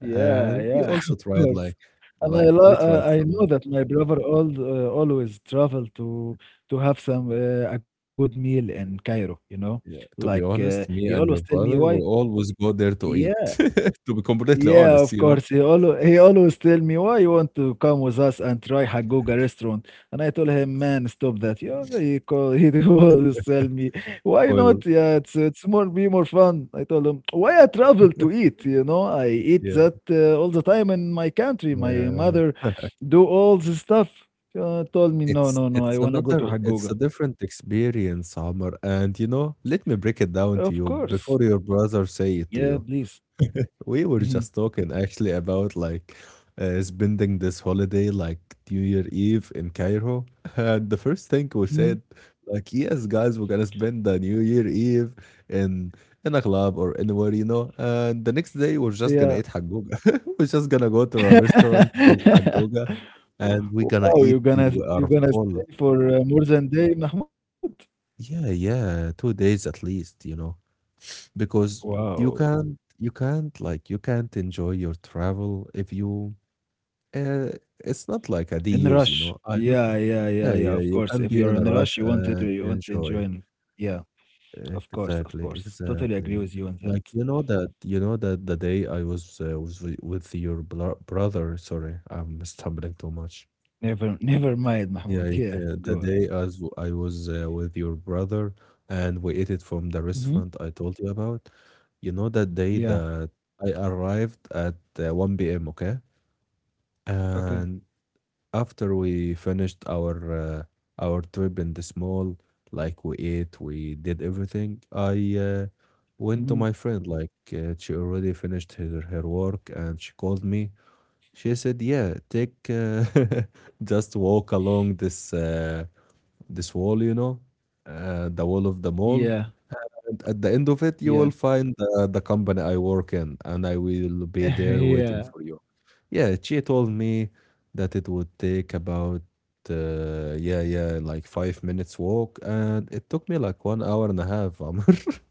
Yeah, we yeah, <laughs> also of tried course. like And I like lo we uh, tried I know some. that my brother al uh, always travel to to have some uh, a good meal in Cairo, you know? Yeah, Like, to be uh, honest, he me always and tell your me brother why. will always go there to eat. <laughs> To be completely Yeah, honest, of you know. course. He always he always tell me, "Why you want to come with us and try Haggooga restaurant?" And I told him, "Man, stop that." Yeah, he call <laughs> he always tell me, "Why Well, not? Yeah, it's it's more be more fun." I told him, "Why I travel to eat? You know, I eat yeah. that uh, all the time in my country. My Yeah. mother <laughs> do all this stuff." Uh, told me, "No, It's no, no. I it's wanna go to another it's Haggooga." a different experience, Amr. And you know, let me break it Of down to you course. before your brother say it Yeah, to you. please. We were Mhm. just talking actually about like uh, spending this holiday, like, New Year Eve in Cairo. And the first thing we Mhm. said, like, yes, guys, we're gonna spend the New Year Eve in in a club or anywhere, you know. And the next day, we're just gonna Yeah. eat hagoga. <laughs> We're just gonna go to a restaurant called <laughs> hagoga, and we're gonna Wow, eat you're till gonna we you're are gonna full. stay for uh, more than day, Mahmoud? Yeah, yeah, two days at least, you know, because you Wow. can't you can't like you can't enjoy your travel if you. Uh, it's not like a In a reuse, you rush. know. I don't know. Yeah, yeah, yeah, Yeah, yeah. yeah, Of you course. can If be you're in a in a rush rush, you want it to and you want to enjoy. enjoy it. Yeah, of course, of Exactly, course. Totally agree exactly. with you on that. Like, you know that you know that the day I was uh, was with with your bro brother. Sorry, I'm stumbling too much. Never <laughs> never mind, Mahmoud. Yeah, Yeah, yeah, the go on. day as w- I was uh, with your brother and we ate it from the Mm-hmm. restaurant I told you about. You know that day Yeah. that I arrived at uh, one p m. Okay, Okay. and after we finished our uh, our trip in the small, like we ate, we did everything. I uh, Hmm. went to my friend, like uh, she already finished her, her work, and she called me. She said, "Yeah, take uh, <laughs> just walk along this uh, this wall, you know, uh, the wall of the Yeah. mall." And at the end of it, Yeah. you will find the, the company I work in, and I will be <laughs> there waiting Yeah. for you. Yeah, she told me that it would take about, uh, yeah, yeah, like five minutes walk, and it took me like one hour and a half. Amr. <laughs>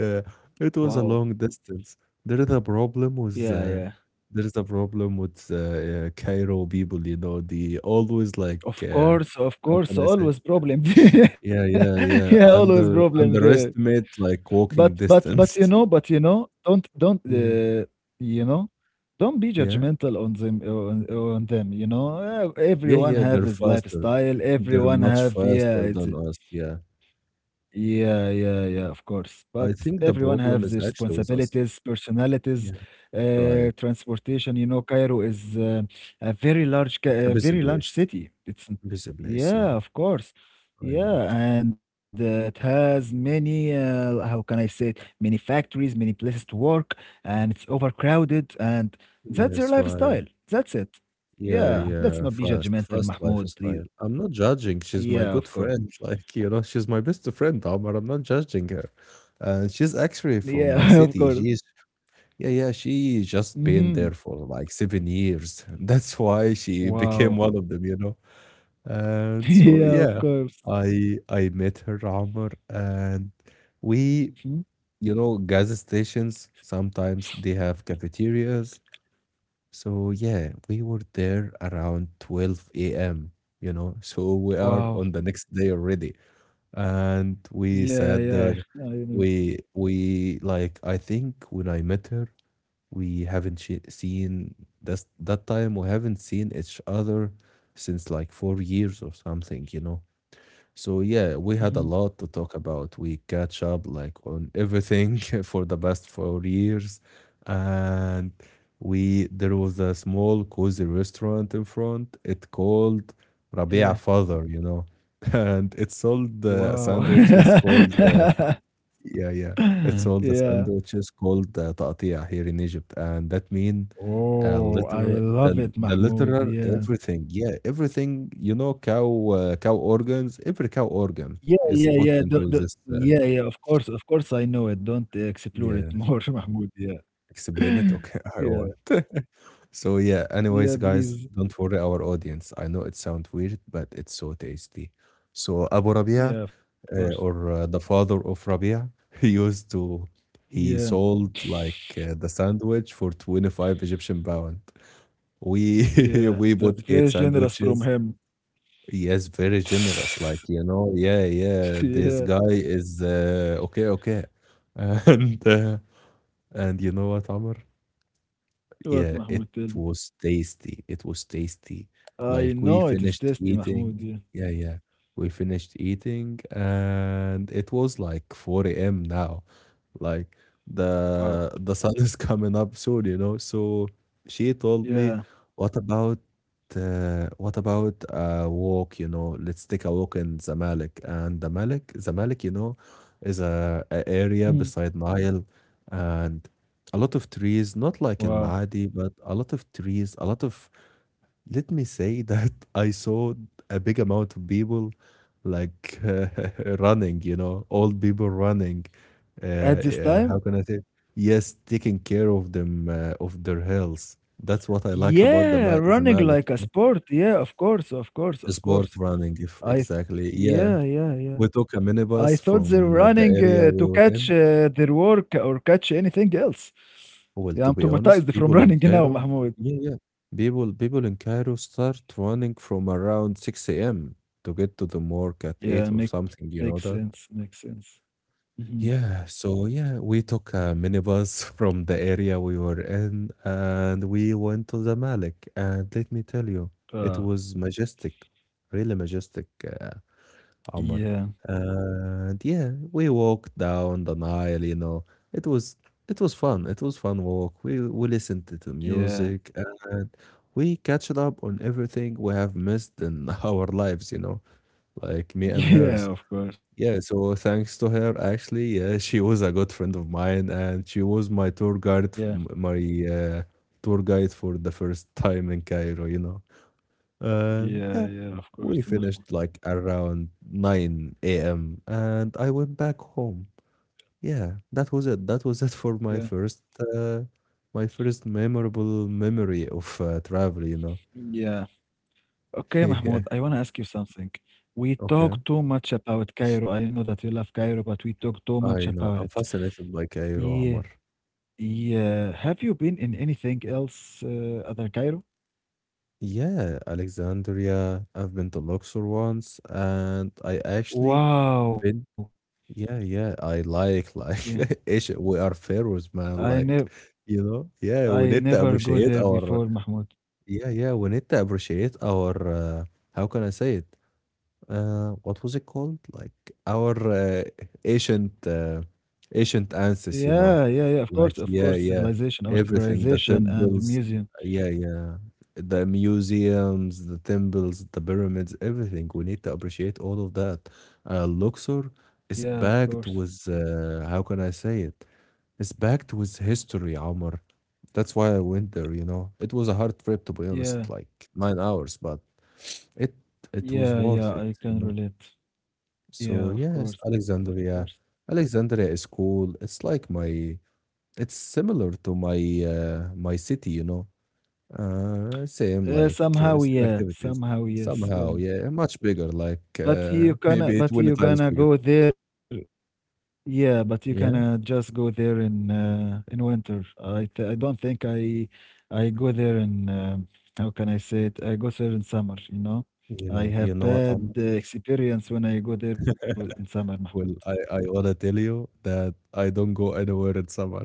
Yeah, it was a Wow. long distance. There is a problem with, Yeah, uh, yeah. there is a problem with uh, uh, Cairo people, you know, they always, like, Of uh, course, of how course, can I say? always problem. <laughs> Yeah, yeah, Yeah, yeah. always Under problem there. Underestimate, like, But walking but but you know, distance. but <laughs> you know, don't don't Yeah, uh, you know, don't be yeah, judgmental on them on, on them. You know, Uh, yeah, everyone yeah. have They're his faster. lifestyle. They're Everyone much have, yeah. faster It's, than us. Yeah, yeah, yeah, yeah, of course. But I think everyone the has their problem is actually with us. responsibilities, personalities, Yeah, uh, right. transportation. You know, Cairo is uh, a very large, ca- It's a a busy very large place. city. It's, Busy place. yeah, Yeah, of course. I know. Yeah, and uh, it has many, uh, how can I say it, many factories, many places to work, and it's overcrowded, and that's their Yes, right. lifestyle. That's it. Yeah, Yeah, let's yeah. not be Fast, judgmental, fast Mahmoud, please. lifestyle. I'm not judging. She's my Yeah, good of course. friend. <laughs> Like, you know, she's my best friend, Omar. I'm not judging her. And she's actually from Yeah, <laughs> my of city. course. She's Yeah, yeah, she just been Mhm. there for like seven years. <laughs> That's why she became Wow. one of them, you know. And <laughs> so Yeah, of yeah, course. I I met her, Amr, and we, Mhm. you know, gas stations sometimes they have cafeterias. So yeah, we were there around twelve a m, you know. <laughs> So we are on Wow. the next day already. And we Yeah, yeah, sat there. I I know. We we like, I think when I met her, we haven't she- seen this, that time we haven't seen each other since like four years or something, you know, so yeah, we had a Mhm. lot to talk about. We catch up, like, on everything <laughs> for the past four years. And we there was a small cozy restaurant in front, it called Rabia Yeah. Father, you know. <laughs> And it sold uh, Wow. sandwiches called uh, <laughs> yeah, yeah. It's all the Yeah. sandwiches called uh, تقطيع here in Egypt, and that mean uh, Oh, I literal love the it, the Mahmoud. literal Yeah. everything. Yeah, everything. You know, cow uh, cow organs. Every cow organ Yeah, is yeah, put yeah. The into the this. Uh, yeah, yeah, of course, of course, I know it. Don't explore Yeah, it more, <laughs> Mahmoud. Yeah. explain it. <laughs> Okay, <laughs> I Yeah. want. So yeah, anyways, Yeah, guys, please. don't worry our audience. I know it sounds weird, but it's so tasty. So Abu Rabia, Yeah, of course. uh, or uh, the father of Rabia, <laughs> he used to he Yeah. sold like uh, the sandwich for twenty-five Egyptian pound. We <laughs> Yeah. we bought That's eight very generous from sandwiches. him. Yes, very generous. Like, you know, yeah, <laughs> yeah, Yeah. this guy is uh, okay, okay. <laughs> And uh, and you know what, Amr? What, Yeah, it Mahmoud? Tell me. was tasty. It was tasty. I Like, we know it is finished tasty, eating. Mahmoud, yeah. Yeah, yeah. We finished eating and it was like four a m now, like Wow. the the sun is <laughs> coming up soon, you know. So she told me, Yeah. what about uh, what about a walk, you know, let's take a walk in Zamalek. And the Malik Zamalek, you know, is a, a Mm. area beside Nile and a lot of trees, not like Al Wow. Maadi, but a lot of trees, a lot of, let me say, <laughs> that I saw a big amount of people, like, uh, <laughs> running, you know, old people running. Uh, At this time? Uh, how can I say? Yes, taking care of them uh, of their health. That's what I like about the Yeah, Ma- running Zamalek, like you a know, sport. Yeah, of course, of course, of course. sport running. If I th Exactly, yeah, Yeah, yeah, we yeah. took a I minibus thought they're from uh, the running area uh, we to were in. catch uh, their work or catch anything else. Well, to Yeah, be I'm honest, traumatized people from <laughs> in running Cairo, now, yeah, Mahmoud. yeah, people people in Cairo start running from around six a m to get to the morgue at eight Yeah, or make something, you know makes that? sense, makes sense. Mhm. Yeah, so yeah, we took a minibus <laughs> from the area we were in and we went to the Malik. And let me tell you, it Uh, was majestic, really majestic. Uh, Omar. Yeah, And yeah, we walked down the Nile, you know. It was it was fun. It was fun walk. We we listened to the yeah, music and we catched up on everything we have missed in <laughs> our lives, you know, like me <laughs> and yeah, hers. of course. Yeah, so thanks to her, actually, yeah, <laughs> she was a good friend of mine and she was my tour guide, f- Yeah. m- my uh, tour guide for the first time in Cairo, you know. And Yeah. yeah, Yeah. Of we course, Mahmoud. finished like around nine a m and I went back home. Yeah, that was it. That was it for Yeah. my first uh, my first memorable memory of uh, travel, you know. Yeah. <laughs> Okay, Yeah. Mahmoud, I want to ask you something. We Okay. talk too much about Cairo. I know that you love Cairo, but we talk too I much know. about I'm it. fascinated by Cairo, Yeah. Amr. Yeah. Have you been in anything else uh, other Cairo? Yeah, Alexandria. I've been to Luxor once, and I actually Wow. been. Yeah, yeah, I like Yeah. like <laughs> ish we are pharaohs, I man. never Like, you know, yeah, we I need to never go appreciate there our. before, Mahmoud. Yeah, yeah, we need to appreciate our uh, how can I say it? Uh, what was it called? Like, our uh, ancient uh, ancient ancestors, you Yeah, know. yeah, yeah. Of course, Like, of course, yeah, yeah, civilization or everything, the civilization and temples, museum. yeah, yeah, the museums, the temples, the pyramids, everything. We need to appreciate all of that. Uh, Luxor Yeah, of is course. backed with uh, how can I say it? It's backed with history, Omar. That's why I went there, you know. It was a hard trip, to be Yeah. honest, like nine hours, but it it was Yeah, worth yeah, it, I you can know. relate. So Yeah, of yes, course, of course. Alexandria. Alexandria is cool. It's like my it's similar to my uh, my city, you know. Uh, same, Uh, like, uh, Somehow, same yeah. activities Somehow, yes, yeah. somehow. Yeah, much bigger, like, But you uh, <laughs> gonna maybe but twenty you times gonna bigger. go there Yeah, but you gonna Yeah, just go there in uh, in winter. I th I don't think I I go there in um how can I say it? I go there in summer, you know? I yeah. You have know what, bad Amr? uh, experience when I go there with in summer, Mahmoud. Well, I I wanna tell you that I don't go anywhere in summer,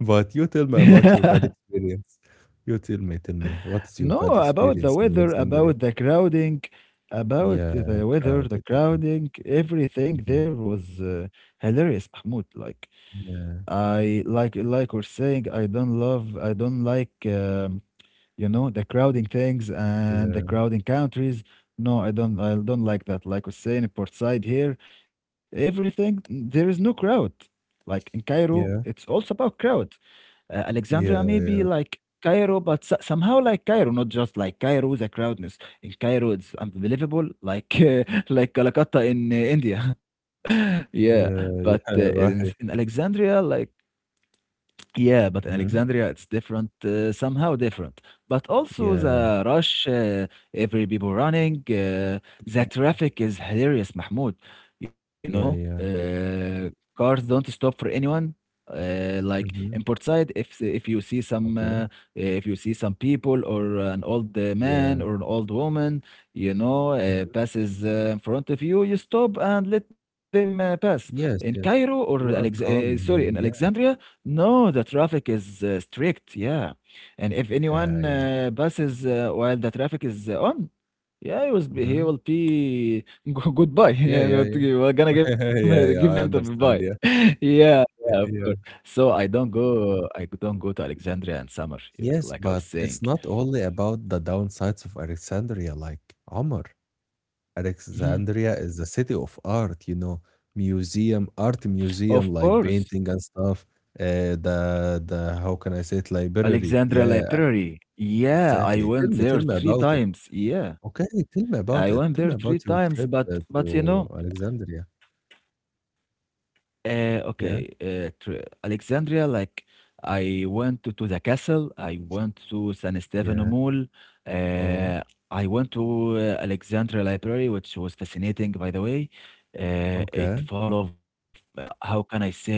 <laughs> but you tell me about your bad <laughs> experience. You tell me, tell me, what is your No, bad about the experience in weather, Alexandria? about the crowding, about Yeah, the weather, the crowded. Yeah. crowding, everything Mhm. there was uh, hilarious, Mahmoud. Like Yeah, I like like we're saying, I don't love, I don't like, um, you know, the crowding things and the yeah, crowding countries. No, I don't, I don't like that. Like we're saying, in Port Said here, everything there is no crowd. Like in Cairo, it's yeah, also about crowd. Uh, Alexandria yeah, maybe yeah, like Cairo, but so- somehow like Cairo, not just like Cairo, the crowdness in Cairo it's unbelievable, like <laughs> uh, like Calcutta in uh, India. <laughs> Yeah, yeah, but uh, yeah, <laughs> in, in right. Alexandria, like. Yeah, but in Mhm. Alexandria, it's different, uh, somehow different. But also Yeah, the rush, uh, every people running, uh, the traffic is hilarious, Mahmoud. You know, yeah, yeah. uh, Y- cars don't stop for anyone. Uh, like in Mhm. Port Said, if if you see some Okay. uh, if you see some people or an old uh, Yeah. man or an old woman, you know, uh, Mhm. passes uh, in front of you, you stop and let them uh, pass. In Yes, Cairo yes. or We Alex- are uh, sorry, calm in here. Yeah, Alexandria, no, the traffic is uh, strict, yeah. And if yeah, anyone yeah. uh, passes uh, while the traffic is uh, on, yeah, he was be- he Mhm. will be <laughs> go- goodbye. <laughs> Yeah, Yeah, yeah, what yeah. you- we're gonna give <laughs> him give Yeah, him yeah, to I goodbye. understand. Yeah. <laughs> Yeah, yeah, of <laughs> course. Yeah. So I don't go. I don't go to Alexandria and summer, yeah, Yes, like I was but it's saying. not only about the downsides of Alexandria, like, Omar. Mhm. Alexandria is a city of art, you know, museum, art Of museum, course, like painting and stuff. Uh, the the how can I say it, library? Alexandria Yeah, Library. Yeah, I exactly. Tell went me, there tell me three about it. times. Yeah, Okay, tell me about I it. went Tell there me about three your times, trip but uh, but you to know. Alexandria. Uh, okay, Yeah, uh, tr- Alexandria, like I went to, to the castle, I went to San Stefano yeah. Mall, Oh, uh, I went to uh, Alexandria Library, which was fascinating, by the way. Uh, okay. It full of, uh, how can I say it?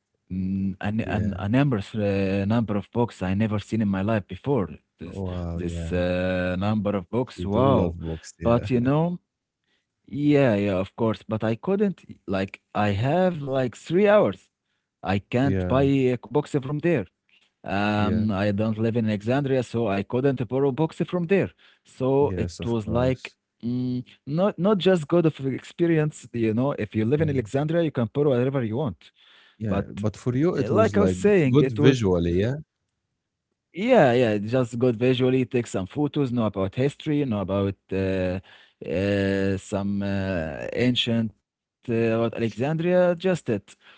Mm, an, an, a Yeah. numbers, uh, number of books I never seen in my life before. This, Wow. this Yeah. uh, number of books, You do wow. love books. But you Yeah. <laughs> know, yeah, yeah, of course, but I couldn't. Like, I have like three hours. I can't buy a box Yeah. from there. Um, I don't live Yeah. in Alexandria, so I couldn't borrow books from there. So it was like, Yes, of mm, course. not not just good of experience, you know. If you live in Alexandria, Yeah. you can borrow whatever you want. But Yeah. But uh, for like you, I was it was like saying, it was. good visually. Yeah. Yeah, yeah, it's just good visually. Take some photos, know about history, know about uh, uh, some uh, ancient uh, about Alexandria, just it.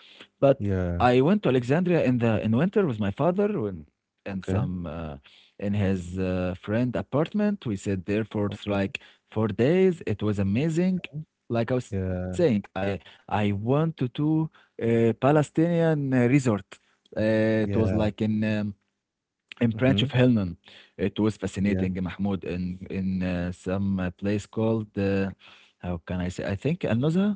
But I Yeah. went to Alexandria in the in winter with my father when and Okay. some uh, in his uh, friend apartment. We sat there for Okay. like four days. It was amazing. Like I was saying, Yeah. I I went to two uh, Palestinian uh, resort. Uh, it was like Yeah. in. Um, in Branch of Mhm. Hellman. It was Yeah. fascinating, Mahmoud, in in uh, some uh, place called uh, how can I say? I think Al-Nuzha.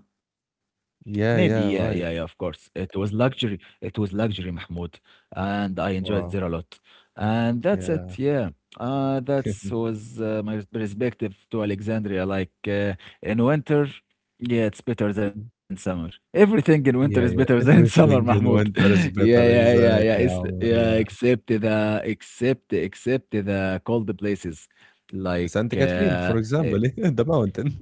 Maybe, Yeah, yeah, yeah, yeah, yeah, of right. course. It was luxury. It was luxury, Mahmoud, and I enjoyed there Wow. a lot. And that's Yeah. it, yeah. Uh, that was uh, my perspective to Alexandria. Like uh, in winter, yeah, it's better than in <laughs> summer. Everything in winter Yeah, is yeah. better <laughs> than in Everything summer, in Mahmoud. winter is <laughs> Yeah, better. yeah, yeah, yeah. Exactly, It's Omar. Yeah. yeah, except the except except the cold places, like Santa Catherine, uh, for uh, example, <laughs> the mountain.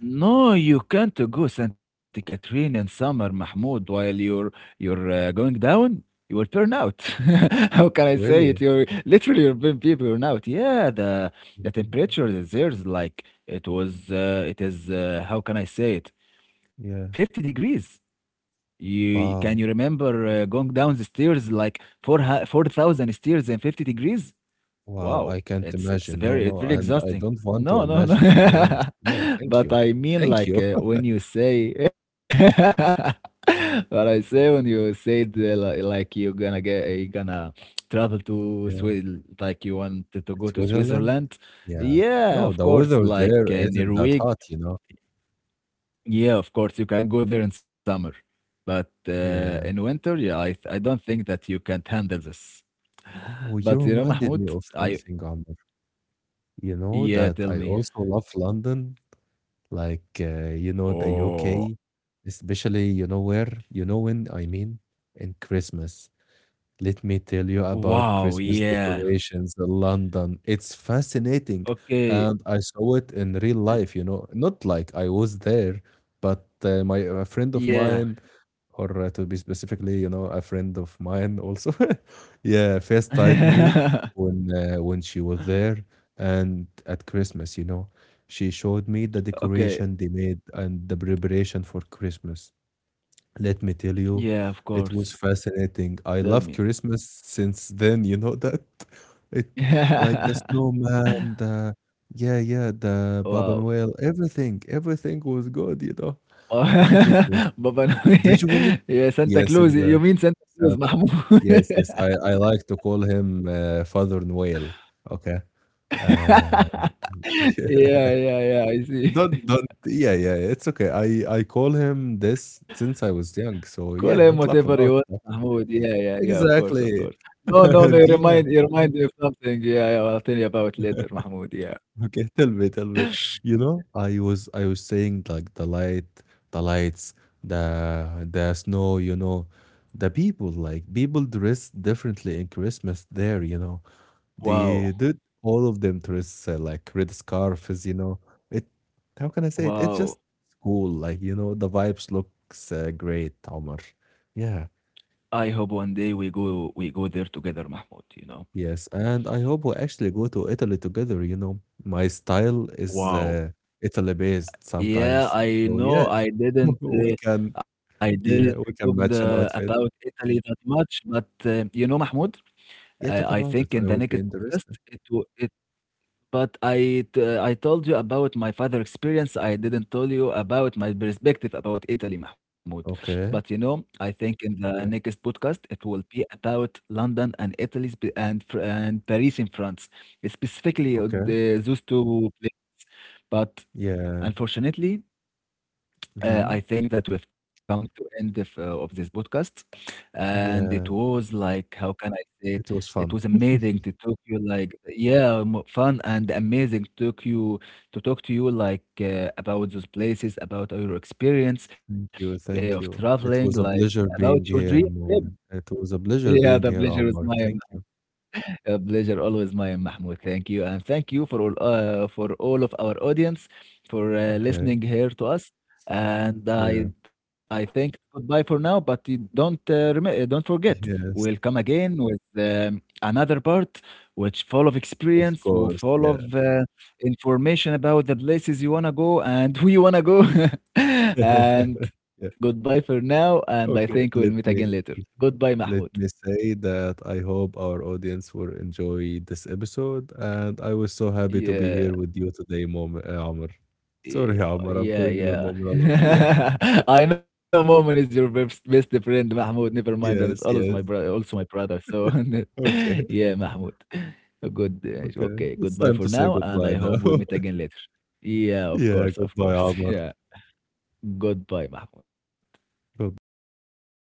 no, you can't go Santa Catherine in summer, Mahmoud, while you're you're uh, going down. You will burn out. <laughs> How can I say it? Really? You're literally you're burn be burn out. Yeah, the the Mhm. temperature is there's like it was. Uh, it is. Uh, how can I say it? Fifty Yeah. degrees. You can you Wow. remember uh, going down the stairs like four four thousand stairs and fifty degrees? Wow. Wow, I can't it's it's imagine. No, very it's no. very And I exhausting. don't want to No, no, no. imagine, to be honest. No, <laughs> thank But you. I mean, Thank like you. uh, <laughs> when you say, <laughs> but I say when you say the, li- like you're gonna get you're gonna travel to Yeah. Swiss, like you want to go to Switzerland? Switzerland. Yeah. Yeah, No, of the course, weather like there uh, isn't that Norway. hot, you know? Yeah, of course, you can go there in summer, but uh, in Yeah. winter, yeah, I th- I don't think that you can handle this. Oh, <laughs> you But you know, reminded Mahmoud, me of I something, Amr. You know yeah, that tell I me. also love London, like, uh, you know, the Oh, U K, especially, you know, where, you know, when I mean, in Christmas. Let me tell you about wow, Christmas yeah. decorations in London. It's fascinating. Okay, And I saw it in real uh, life, you know, not like I was there, but uh, my a friend yeah. of mine, or uh, to be specifically, you know, a friend of mine also, <laughs> yeah, FaceTimed me <laughs> when uh, when she was there and at Christmas, you know, she showed me the Okay, decoration they made and the preparation for Christmas. Let me tell yeah, you, of course. it was fascinating. Tell I me. love Christmas since then, you know that? <laughs> It, like, the <laughs> snowman, the yeah, yeah, the Baba Wow. Noel, everything, everything was good, you know. Everything was <laughs> Baba Noel. visually. <laughs> Yeah, Santa Yes, Claus. exactly. You mean Santa Claus, Santa. Mahmoud. Yes, yes. I, I like to call him uh, Father Noel. Okay. Uh, <laughs> <laughs> yeah. Yeah, yeah, yeah, I see. <laughs> Don't don't yeah, yeah, it's okay. I I call him this since I was young, so Call him yeah, don't whatever laugh you want, about it. Mahmoud. Yeah, yeah, yeah, of course, of Exactly. course. <laughs> No, no, no, you And yeah, remind you remind me of something. Yeah, yeah, I'll tell you about later, Mahmoud. Yeah. okay, tell me, tell me. You know, I was I was saying, like, the light, the lights, the the snow, you know, the people, like, people dress differently in Christmas there, you know. Wow. They did all of them dress uh, like red scarves, you know. It, how can I say it? It's just Wow. cool, like, you know, the vibes looks uh, great, Omar. Yeah. I hope one day we go we go there together, Mahmoud, you know. Yes, and I hope we actually go to Italy together, you know. My style is Wow. uh, Italy based Yeah, sometimes. I So know yeah, I didn't <laughs> we uh, can I didn't yeah, talk we can the match an about outfit. Italy that much, but uh, you know, Mahmoud, uh, Yeah, I talk think about in it. the I next would be podcast interested. it will. But I t- I told you about my father experience. I didn't tell you about my perspective about Italy, Mahmoud. But you Okay. know, I think in the Yeah. next podcast it will be about London and Italy spe- and Fr- and Paris in France, specifically uh, Okay. the- those two. pla- But Yeah. unfortunately, uh, I Hmm. think that we've come to end of, uh, of this podcast, and it Yeah. was like how can I say it? It was It was fun. amazing to talk to you, like yeah, mo- fun and amazing to talk you to talk to you like uh, about those places, about your experience Thank uh, you. of Thank you. traveling, It like was a pleasure about your being dream here, trip. <laughs> Moment. It was a pleasure Yeah, the being here, pleasure is Omar. mine. Thank you. A pleasure always mine, Mahmoud. Thank you. And thank you for all uh, for all of our audience for uh, listening Okay. here to us. And I Yeah. I think goodbye for now, but you don't uh, rem- uh, don't forget. <laughs> We'll Yes. come again with um, another part which full of Of experience, will course. full Yeah. of uh, information about the places you want to go and <laughs> we want to go. <laughs> And <laughs> Yeah. goodbye for now, and I think we'll Okay, meet let again later. me Goodbye, Mahmoud. let me say that I hope our audience will enjoy this episode, and I was so happy to be Yeah. here with you today, Mom, uh, Amr. Y Sorry, Amr, I'm Yeah, calling you yeah. Mom a lot. Yeah, <laughs> I know Mo'min is your best best friend, Mahmoud, never mind, <laughs> and it's always yes, my yes. brother. Also my brother, so <laughs> Okay, yeah, Mahmoud. Good, <laughs> uh, okay. okay, It's goodbye time for to say now, and goodbye I now. hope we meet <laughs> again later. Yeah, of Yeah, course, of goodbye, course. <laughs> Amr. Yeah. Goodbye, Mahmoud. Goodbye.